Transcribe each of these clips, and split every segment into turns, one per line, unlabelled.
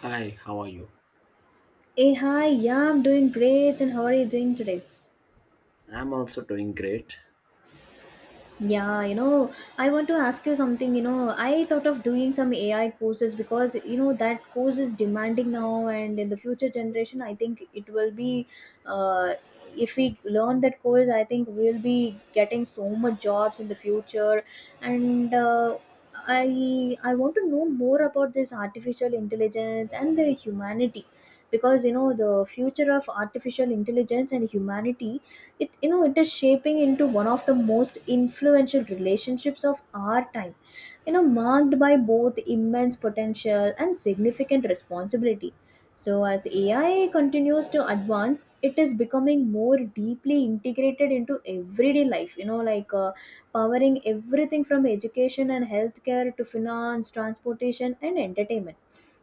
Hi, how are you?
Hey, hi, yeah, I'm doing great. And how are you doing today?
I'm also doing great.
Yeah, you know, I want to ask you something. You know, I thought of doing some AI courses because, you know, that course is demanding now, and in the future generation, I think it will be, uh, if we learn that course, I think we'll be getting so much jobs in the future. And, uh, I want to know more about this artificial intelligence and the humanity, because you know the future of artificial intelligence and humanity, it you know it is shaping into one of the most influential relationships of our time, you know, marked by both immense potential and significant responsibility. So as AI continues to advance, it is becoming more deeply integrated into everyday life, you know, powering everything from education and healthcare to finance, transportation, and entertainment.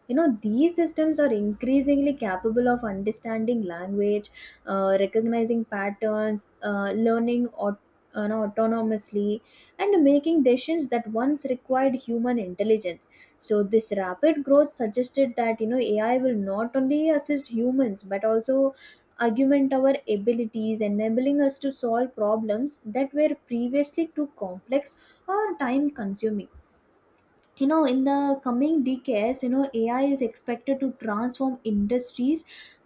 You know, these systems are increasingly capable of understanding language, recognizing patterns, learning aut- you know, autonomously and making decisions that once required human intelligence. So this rapid growth suggested that, you know, AI will not only assist humans but also augment our abilities, enabling us to solve problems that were previously too complex or time consuming. You know, in the coming decades, you know, AI is expected to transform industries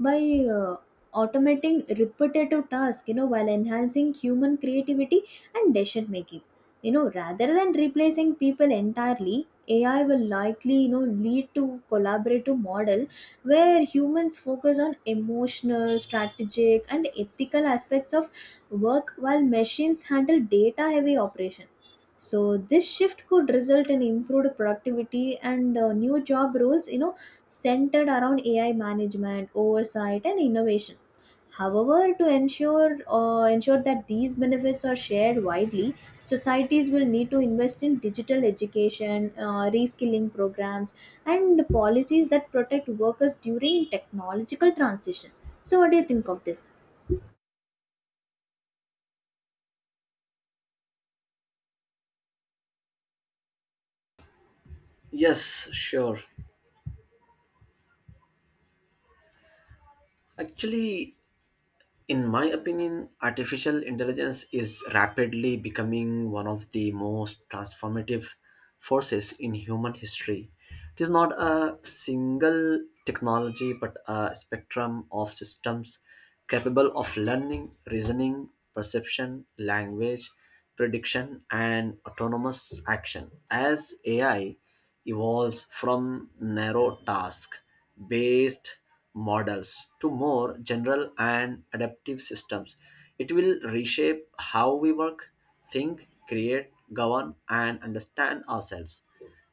by uh, automating repetitive tasks, you know, while enhancing human creativity and decision making, you know, rather than replacing people entirely. AI will likely, you know, lead to collaborative model where humans focus on emotional, strategic, and ethical aspects of work, while machines handle data heavy operation. So this shift could result in improved productivity and new job roles, you know, centered around AI management, oversight, and innovation. However, to ensure that these benefits are shared widely, societies will need to invest in digital education, reskilling programs, and policies that protect workers during technological transition. So what do you think of this?
Yes, sure. Actually, in my opinion, artificial intelligence is rapidly becoming one of the most transformative forces in human history. It is not a single technology but a spectrum of systems capable of learning, reasoning, perception, language, prediction, and autonomous action. As AI evolves from narrow task based models to more general and adaptive systems, it will reshape how we work, think, create, govern, and understand ourselves.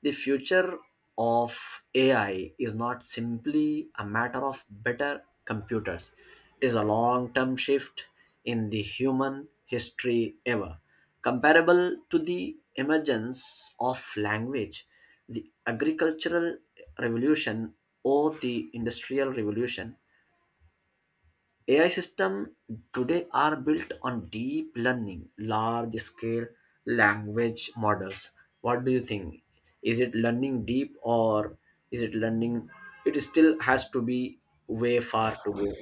The future of AI is not simply a matter of better computers, it is a long term shift in the human history ever. Comparable to the emergence of language, the agricultural revolution, or the industrial revolution, AI systems today are built on deep learning, large scale language models. What do you think? Is it learning deep or is it learning? It still has to be way far to go.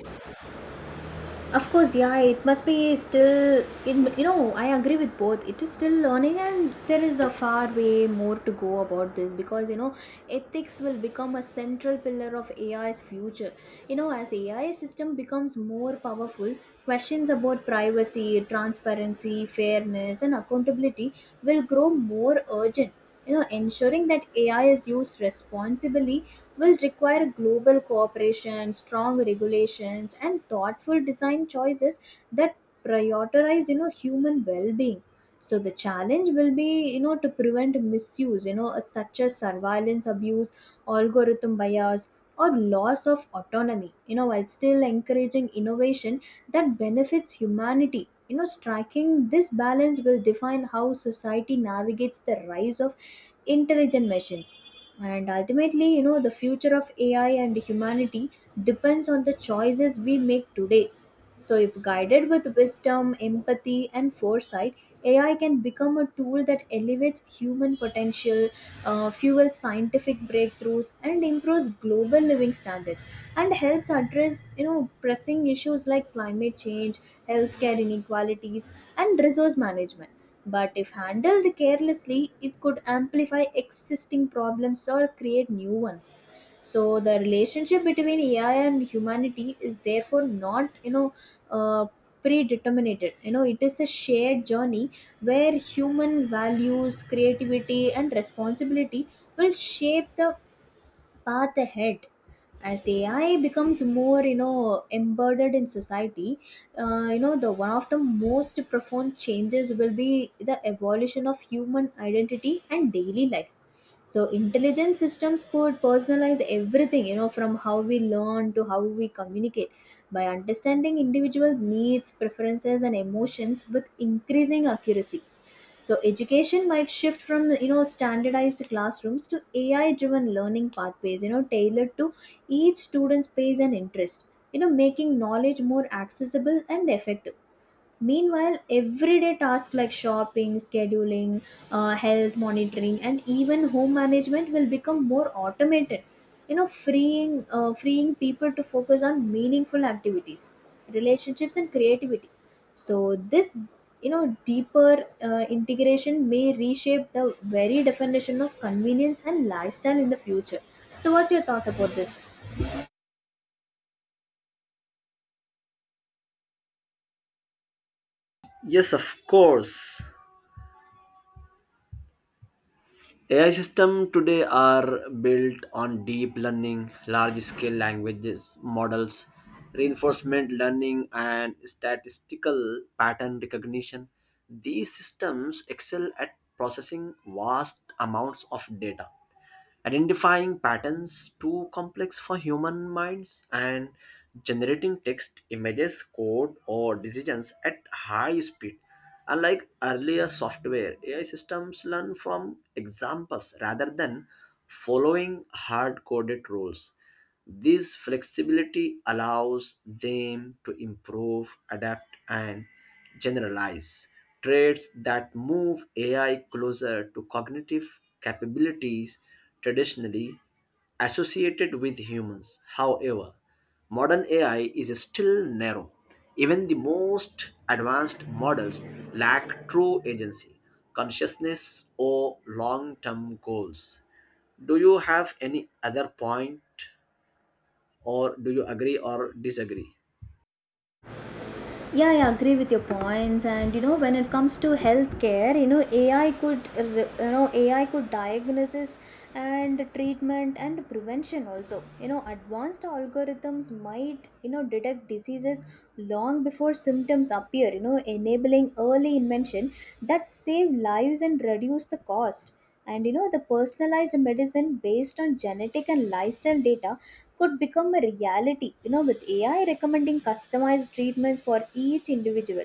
Of course, yeah, it must be still, it, you know, I agree with both. It is still learning, and there is a far way more to go about this, because, you know, ethics will become a central pillar of AI's future. You know, as AI system becomes more powerful, questions about privacy, transparency, fairness, and accountability will grow more urgent. You know, ensuring that AI is used responsibly will require global cooperation, strong regulations, and thoughtful design choices that prioritize, you know, human well-being. So the challenge will be, you know, to prevent misuse, such as surveillance abuse, algorithm bias, or loss of autonomy, you know, while still encouraging innovation that benefits humanity. You know, striking this balance will define how society navigates the rise of intelligent machines, and ultimately, you know, the future of AI and humanity depends on the choices we make today. So, if guided with wisdom, empathy, and foresight, AI can become a tool that elevates human potential, fuels scientific breakthroughs, and improves global living standards, and helps address, you know, pressing issues like climate change, healthcare inequalities, and resource management. But if handled carelessly, it could amplify existing problems or create new ones. So the relationship between AI and humanity is therefore not, uh, predetermined. You know, it is a shared journey where human values, creativity, and responsibility will shape the path ahead as AI becomes more, you know, embedded in society. You know, the one of the most profound changes will be the evolution of human identity and daily life. So intelligent systems could personalize everything, you know, from how we learn to how we communicate, by understanding individual needs, preferences, and emotions with increasing accuracy. So education might shift from, you know, standardized classrooms to AI driven learning pathways, you know, tailored to each student's pace and interest, you know, making knowledge more accessible and effective. Meanwhile, everyday tasks like shopping, scheduling, health monitoring, and even home management will become more automated, you know, freeing people to focus on meaningful activities, relationships, and creativity. So this, you know, deeper integration may reshape the very definition of convenience and lifestyle in the future. So, what's your thought about this?
Yes, of course. AI systems today are built on deep learning, large scale languages models, reinforcement learning, and statistical pattern recognition. These systems excel at processing vast amounts of data, identifying patterns too complex for human minds, and generating text, images, code, or decisions at high speed. Unlike earlier software, AI systems learn from examples rather than following hard coded rules. This flexibility allows them to improve, adapt, and generalize, traits that move AI closer to cognitive capabilities traditionally associated with humans. However, modern AI is still narrow. Even the most advanced models lack true agency, consciousness, or long term goals. Do you have any other point, or do you agree or disagree?
Yeah, I agree with your points. And you know, when it comes to healthcare, you know, AI could diagnosis and treatment and prevention also. You know, advanced algorithms might, you know, detect diseases long before symptoms appear, you know, enabling early intervention that save lives and reduce the cost. And you know, the personalized medicine based on genetic and lifestyle data could become a reality, you know, with AI recommending customized treatments for each individual.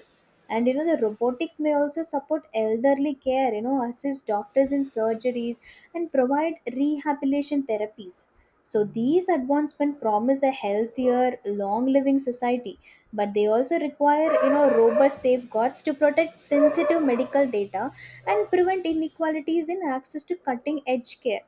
And you know, the robotics may also support elderly care, you know, assist doctors in surgeries and provide rehabilitation therapies. So these advancements promise a healthier, long living society, but they also require, you know, robust safeguards to protect sensitive medical data and prevent inequalities in access to cutting edge care.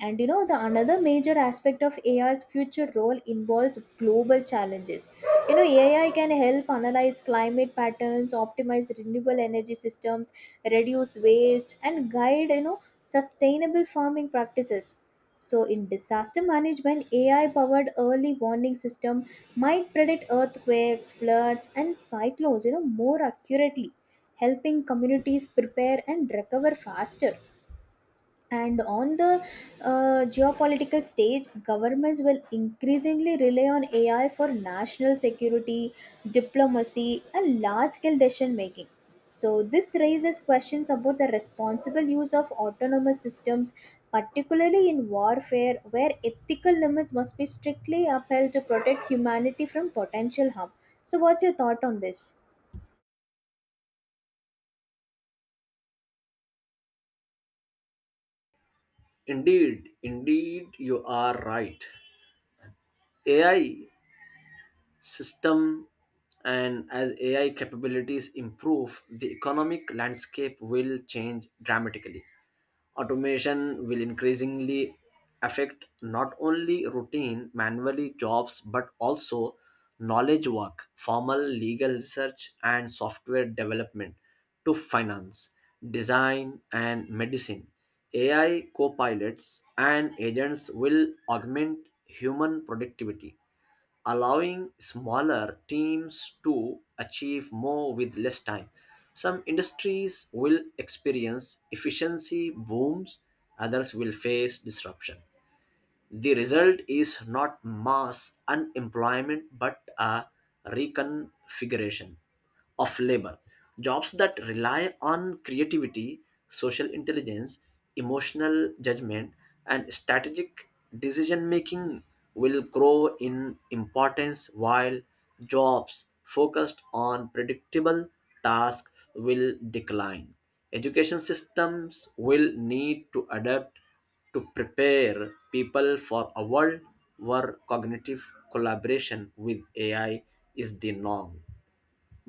And you know, the another major aspect of AI's future role involves global challenges. You know, AI can help analyze climate patterns, optimize renewable energy systems, reduce waste, and guide, you know, sustainable farming practices. So, in disaster management, AI powered early warning system might predict earthquakes, floods, and cyclones, you know, more accurately, helping communities prepare and recover faster. And on the geopolitical stage, governments will increasingly rely on AI for national security, diplomacy, and large scale decision making. So this raises questions about the responsible use of autonomous systems, particularly in warfare, where ethical limits must be strictly upheld to protect humanity from potential harm. So what's your thought on this?
Indeed, indeed, you are right. AI system, and as AI capabilities improve, the economic landscape will change dramatically. Automation will increasingly affect not only routine manually jobs but also knowledge work, formal legal research, and software development, to finance, design, and medicine. AI co-pilots and agents will augment human productivity, allowing smaller teams to achieve more with less time. Some industries will experience efficiency booms, others will face disruption. The result is not mass unemployment but a reconfiguration of labor. Jobs that rely on creativity, social intelligence, emotional judgment, and strategic decision making will grow in importance, while jobs focused on predictable tasks will decline. Education systems will need to adapt to prepare people for a world where cognitive collaboration with AI is the norm.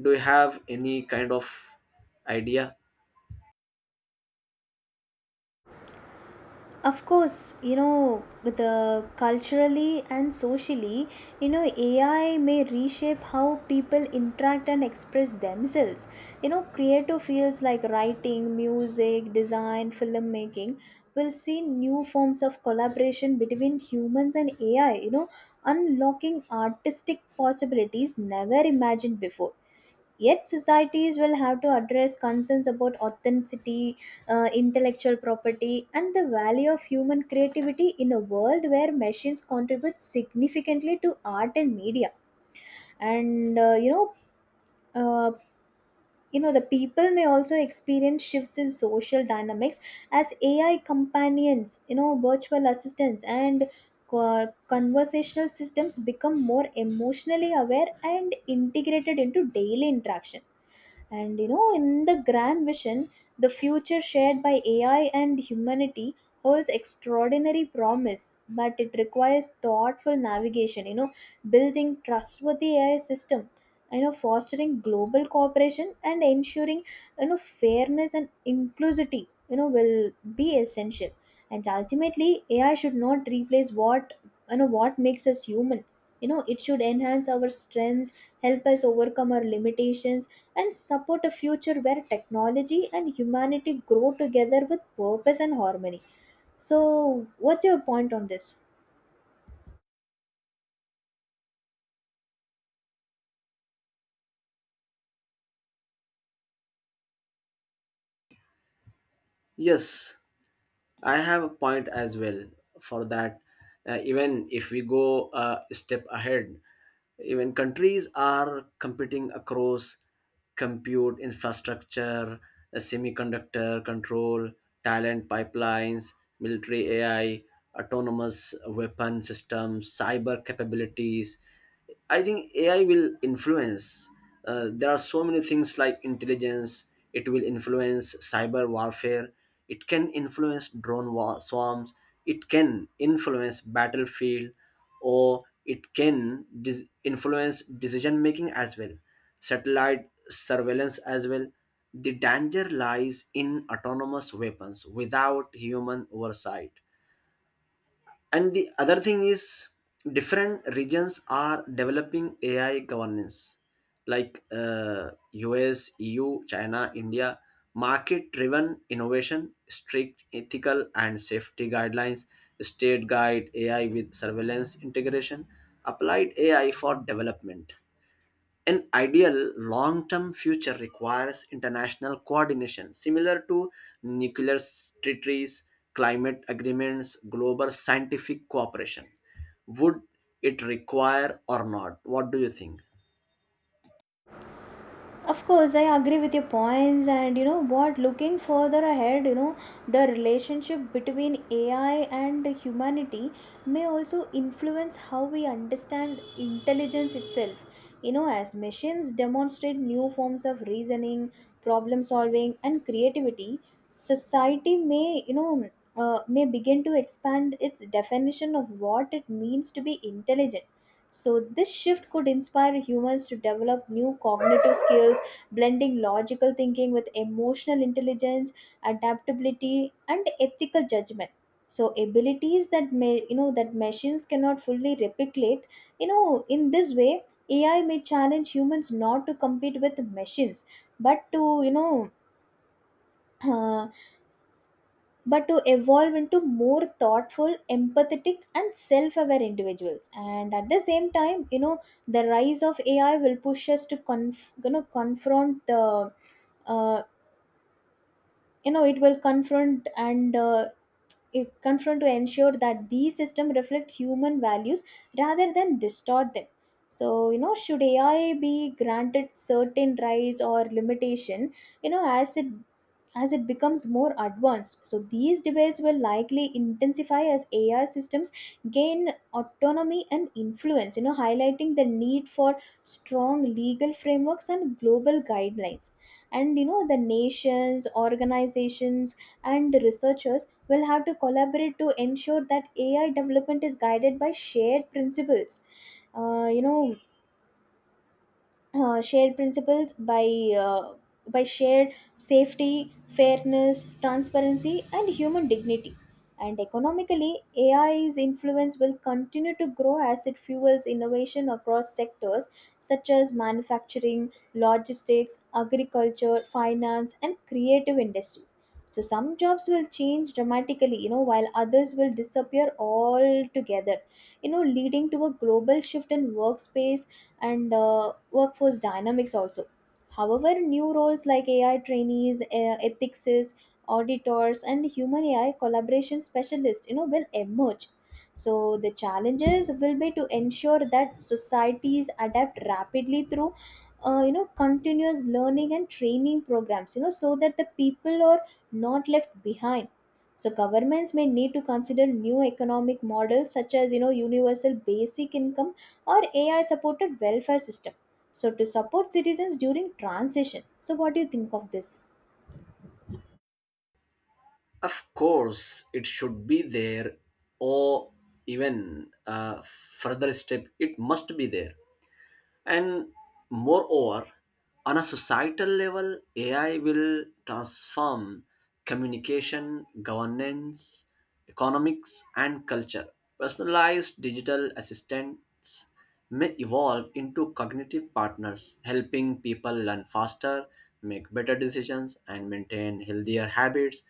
Do you have any kind of idea?
Of course, you know, the culturally and socially, you know, AI may reshape how people interact and express themselves. You know, creative fields like writing, music, design, filmmaking will see new forms of collaboration between humans and AI, you know, unlocking artistic possibilities never imagined before. Yet, societies will have to address concerns about authenticity, intellectual property, and the value of human creativity in a world where machines contribute significantly to art and media. And uh, you know, uh, you know, the people may also experience shifts in social dynamics as AI companions, you know, virtual assistants, and conversational systems become more emotionally aware and integrated into daily interaction. And you know, in the grand vision, the future shared by AI and humanity holds extraordinary promise, but it requires thoughtful navigation. You know, building trustworthy AI system, you know, fostering global cooperation and ensuring, you know, fairness and inclusivity, you know, will be essential. And ultimately, AI should not replace what makes us human. You know, it should enhance our strengths, help us overcome our limitations, and support a future where technology and humanity grow together with purpose and harmony. So what's your point on this?
Yes, I have a point as well for that. Even if we go a step ahead, even countries are competing across compute infrastructure, semiconductor control, talent pipelines, military AI, autonomous weapon systems, cyber capabilities. I think AI will influence. There are so many things like intelligence. It will influence cyber warfare. It can influence drone war swarms. It can influence battlefield, or it can influence decision making as well. Satellite surveillance as well. The danger lies in autonomous weapons without human oversight. And the other thing is, different regions are developing AI governance, like US, EU, China, India, market driven innovation, strict ethical and safety guidelines, state guide AI with surveillance integration, applied AI for development. An ideal long term future requires international coordination, similar to nuclear treaties, climate agreements, global scientific cooperation. Would it require or not? What do you think?
Of course, I agree with your points. And you know what, looking further ahead, you know, the relationship between AI and humanity may also influence how we understand intelligence itself. You know, as machines demonstrate new forms of reasoning, problem solving, and creativity, society may begin to expand its definition of what it means to be intelligent. So, this shift could inspire humans to develop new cognitive skills, blending logical thinking with emotional intelligence, adaptability, and ethical judgment. So, abilities that may, you know, that machines cannot fully replicate. You know, in this way, AI may challenge humans not to compete with machines, but to but to evolve into more thoughtful, empathetic, and self-aware individuals. And at the same time, you know, the rise of AI will push us to confront the, uh, it will confront, and it confront to ensure that these systems reflect human values rather than distort them. So, you know, should AI be granted certain rights or limitation, you know, as it becomes more advanced. So, these debates will likely intensify as AI systems gain autonomy and influence, you know, highlighting the need for strong legal frameworks and global guidelines. And, you know, the nations, organizations, and researchers will have to collaborate to ensure that AI development is guided by shared principles. Uh, you know, uh, shared principles by uh, by shared safety, fairness, transparency, and human dignity. And economically, AI's influence will continue to grow as it fuels innovation across sectors such as manufacturing, logistics, agriculture, finance, and creative industries. So, some jobs will change dramatically, you know, while others will disappear altogether, you know, leading to a global shift in workspace and workforce dynamics also. However, new roles like AI trainees, ethicists, auditors, and human AI collaboration specialists, you know, will emerge. So the challenges will be to ensure that societies adapt rapidly through, you know, continuous learning and training programs, you know, so that the people are not left behind. So governments may need to consider new economic models such as universal basic income or AI supported welfare system. So to support citizens during transition. So what do you think of this?
Of course, it should be there, or even a further step, it must be there. And moreover, on a societal level, AI will transform communication, governance, economics, and culture. Personalized digital assistants may evolve into cognitive partners, helping people learn faster, make better decisions, and maintain healthier habits.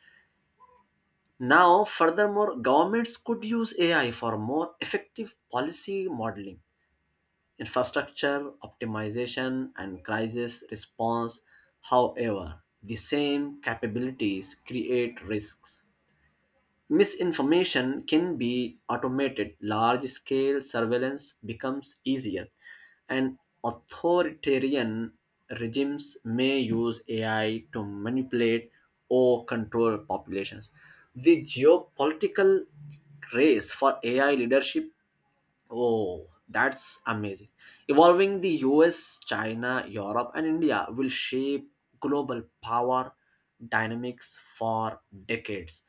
Now, furthermore, governments could use AI for more effective policy modeling, infrastructure optimization, and crisis response. However, the same capabilities create risks. Misinformation can be automated, large scale surveillance becomes easier, and authoritarian regimes may use AI to manipulate or control populations. The geopolitical race for AI leadership. Oh, that's amazing. Evolving the US, China, Europe, and India will shape global power dynamics for decades.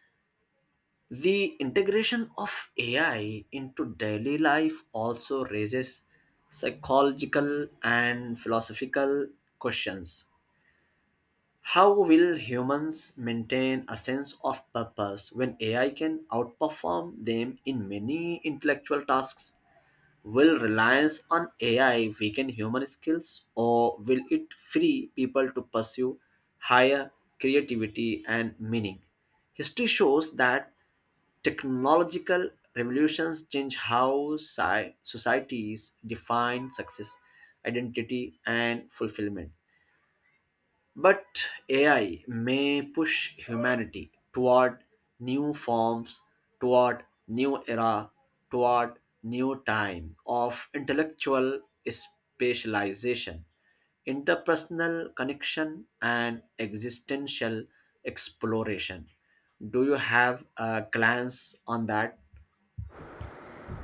The integration of AI into daily life also raises psychological and philosophical questions. How will humans maintain a sense of purpose when AI can outperform them in many intellectual tasks? Will reliance on AI weaken human skills, or will it free people to pursue higher creativity and meaning? History shows that technological revolutions change how societies define success, identity, and fulfillment. But AI may push humanity toward new forms, toward new era, toward new time of intellectual specialization, interpersonal connection, and existential exploration. Do you have a glance on that?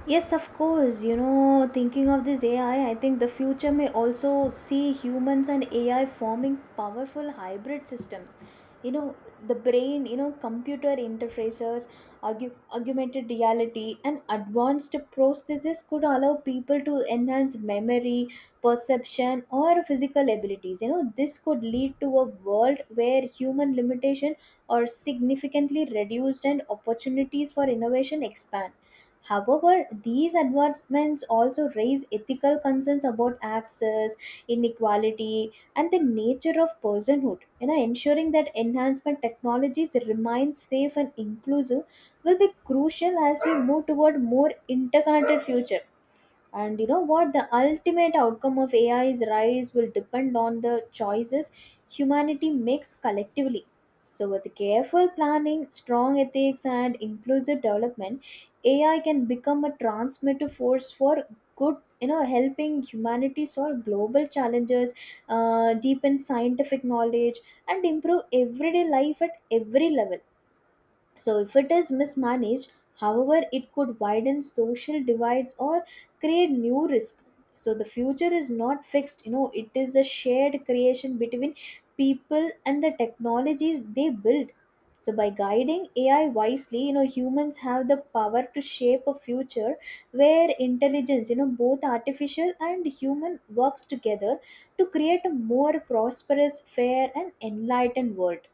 Yes, of course. Thinking of this AI, I think the future may also see humans and AI forming powerful hybrid systems. You know, the brain, computer interfaces, argu- augmented reality, and advanced prosthesis could allow people to enhance memory, perception, or physical abilities. This could lead to a world where human limitation are significantly reduced and opportunities for innovation expand. However, these advancements also raise ethical concerns about access, inequality, and the nature of personhood. Ensuring that enhancement technologies remain safe and inclusive will be crucial as we move toward more interconnected future. And you know what, the ultimate outcome of AI's rise will depend on the choices humanity makes collectively. So with careful planning, strong ethics, and inclusive development, AI can become a transformative force for good, helping humanity solve global challenges, deepen scientific knowledge, and improve everyday life at every level. So, if it is mismanaged, however, it could widen social divides or create new risk. So, the future is not fixed, it is a shared creation between people and the technologies they build. So, by guiding AI wisely, humans have the power to shape a future where intelligence, both artificial and human, works together to create a more prosperous, fair, and enlightened world.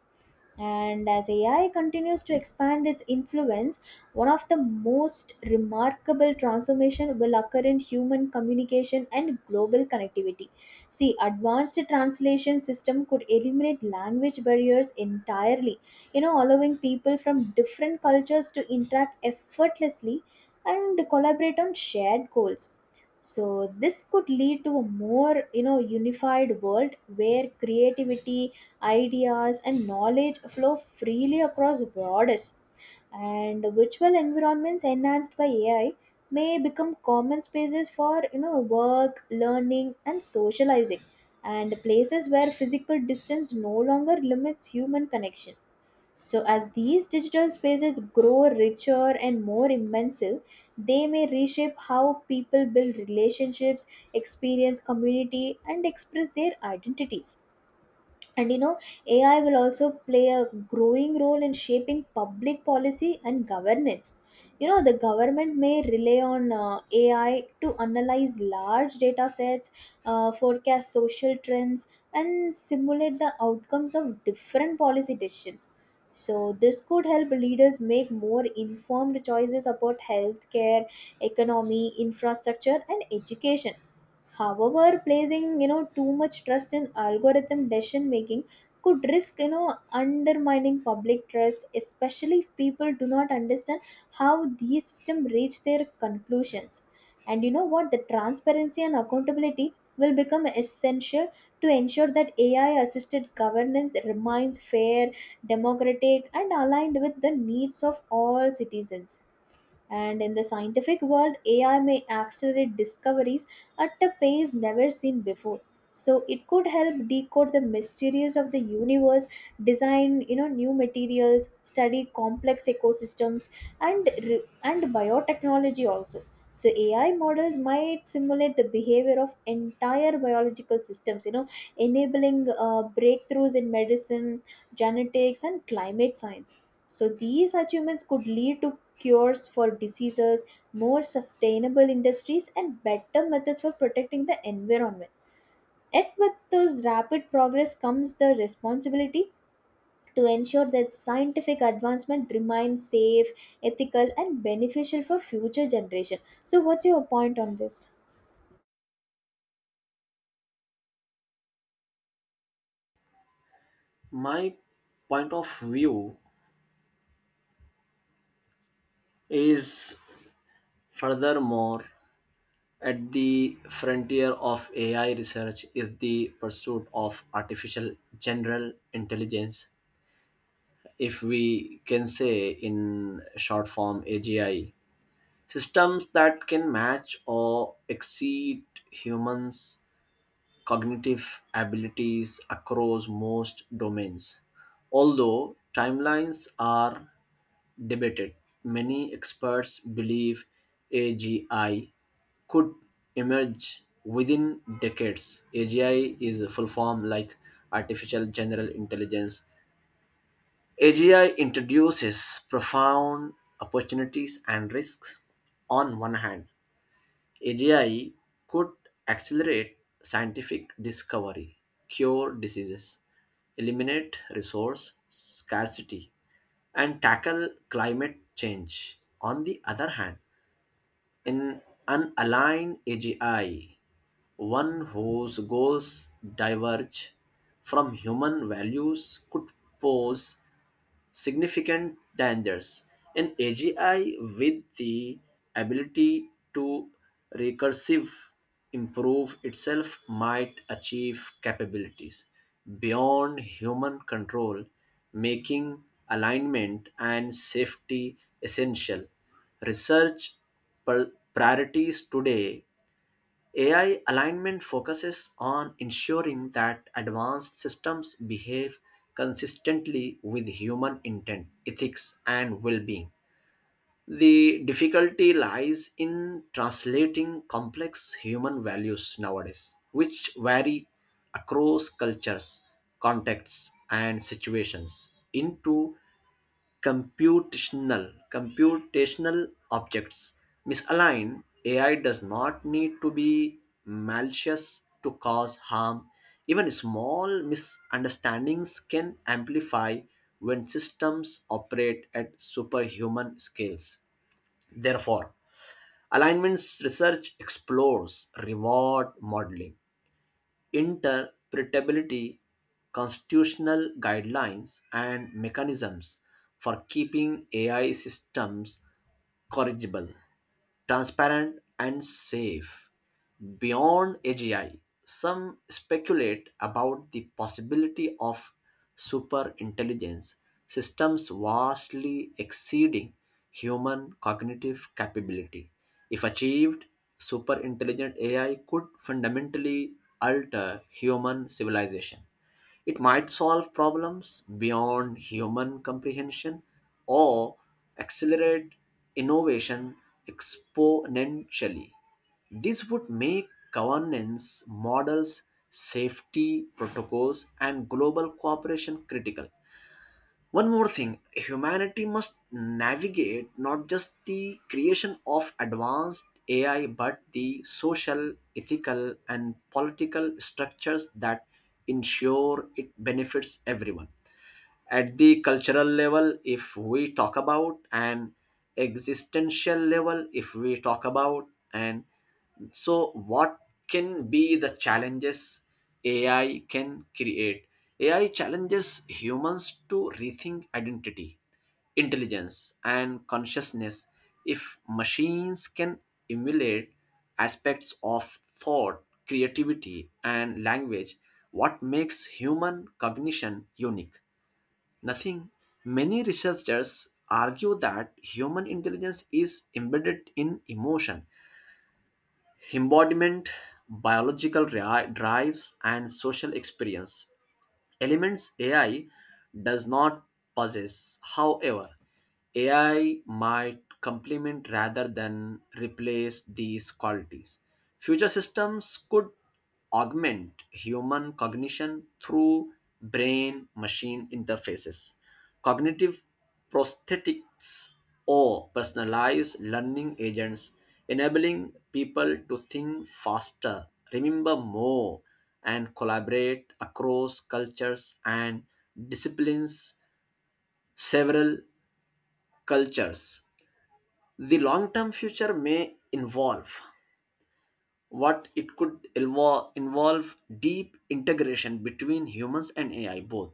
And as AI continues to expand its influence, one of the most remarkable transformation will occur in human communication and global connectivity. See, advanced translation system could eliminate language barriers entirely, allowing people from different cultures to interact effortlessly and collaborate on shared goals. So this could lead to a more, unified world where creativity, ideas, and knowledge flow freely across borders. And virtual environments enhanced by AI may become common spaces for work, learning, and socializing, and places where physical distance no longer limits human connection. So as these digital spaces grow richer and more immersive, they may reshape how people build relationships, experience community, and express their identities. And AI will also play a growing role in shaping public policy and governance. The government may rely on AI to analyze large data sets, forecast social trends, and simulate the outcomes of different policy decisions. So, this could help leaders make more informed choices about healthcare, economy, infrastructure, and education. However, placing too much trust in algorithm decision making could risk undermining public trust, especially if people do not understand how these systems reach their conclusions. And you know what? The transparency and accountability will become essential to ensure that AI assisted governance remains fair, democratic, and aligned with the needs of all citizens. And in the scientific world, AI may accelerate discoveries at a pace never seen before. So it could help decode the mysteries of the universe, design new materials, study complex ecosystems, and biotechnology also. So AI models might simulate the behavior of entire biological systems, enabling breakthroughs in medicine, genetics, and climate science. So these achievements could lead to cures for diseases, more sustainable industries, and better methods for protecting the environment. Yet, with those rapid progress comes the responsibility to ensure that scientific advancement remains safe, ethical, and beneficial for future generation. So, what's your point on this?
My point of view is furthermore. At the frontier of AI research is the pursuit of artificial general intelligence, if we can say in short form AGI, systems that can match or exceed humans' cognitive abilities across most domains. Although timelines are debated, many experts believe AGI could emerge within decades. AGI is a full form like artificial general intelligence. AGI introduces profound opportunities and risks. On one hand, AGI could accelerate scientific discovery, cure diseases, eliminate resource scarcity, and tackle climate change. On the other hand, an unaligned AGI, one whose goals diverge from human values, could pose significant dangers. An AGI with the ability to recursive improve itself might achieve capabilities beyond human control, making alignment and safety essential. Research priorities today, AI alignment focuses on ensuring that advanced systems behave consistently with human intent, ethics, and well being. The difficulty lies in translating complex human values nowadays, which vary across cultures, contexts, and situations, into computational objects. Misaligned AI does not need to be malicious to cause harm. Even small misunderstandings can amplify when systems operate at superhuman scales. Therefore, alignments research explores reward modeling, interpretability, constitutional guidelines, and mechanisms for keeping AI systems corrigible, transparent, and safe. Beyond AGI, some speculate about the possibility of superintelligence, systems vastly exceeding human cognitive capability. If achieved, super intelligent AI could fundamentally alter human civilization. It might solve problems beyond human comprehension or accelerate innovation exponentially. This would make governance models, safety protocols, and global cooperation critical. One more thing, humanity must navigate not just the creation of advanced AI but the social, ethical, and political structures that ensure it benefits everyone. At the cultural level, if we talk about, and existential level, if we talk about, and so, what can be the challenges AI can create? AI challenges humans to rethink identity, intelligence, and consciousness, if machines can emulate aspects of thought, creativity, and language. What makes human cognition unique? Nothing. Many researchers argue that human intelligence is embedded in emotion, embodiment, biological drives, and social experience, elements AI does not possess. However, AI might complement rather than replace these qualities. Future systems could augment human cognition through brain machine interfaces, cognitive prosthetics, or personalized learning agents, enabling people to think faster, remember more, and collaborate across cultures and disciplines, several cultures. The long term future may involve what it could involve, involve deep integration between humans and AI. Both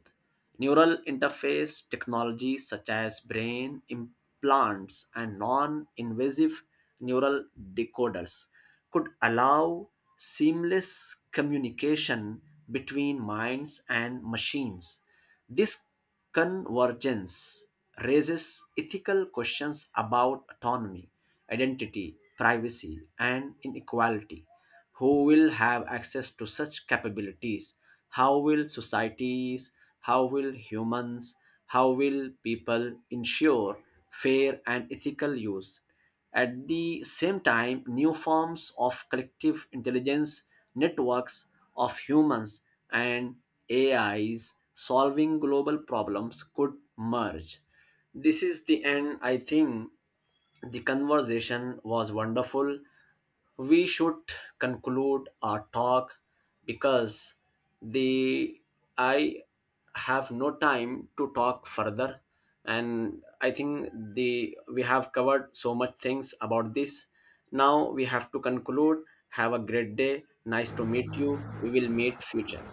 neural interface technologies, such as brain implants and non invasive neural decoders, could allow seamless communication between minds and machines. This convergence raises ethical questions about autonomy, identity, privacy, and inequality. Who will have access to such capabilities? How will societies, how will humans, how will people ensure fair and ethical use? At the same time, new forms of collective intelligence, networks of humans and AIs solving global problems, could merge. This is the end. I think the conversation was wonderful. We should conclude our talk because the I have no time to talk further, and I think the we have covered so much things about this. Now we have to conclude. Have a great day. Nice to meet you. We will meet future.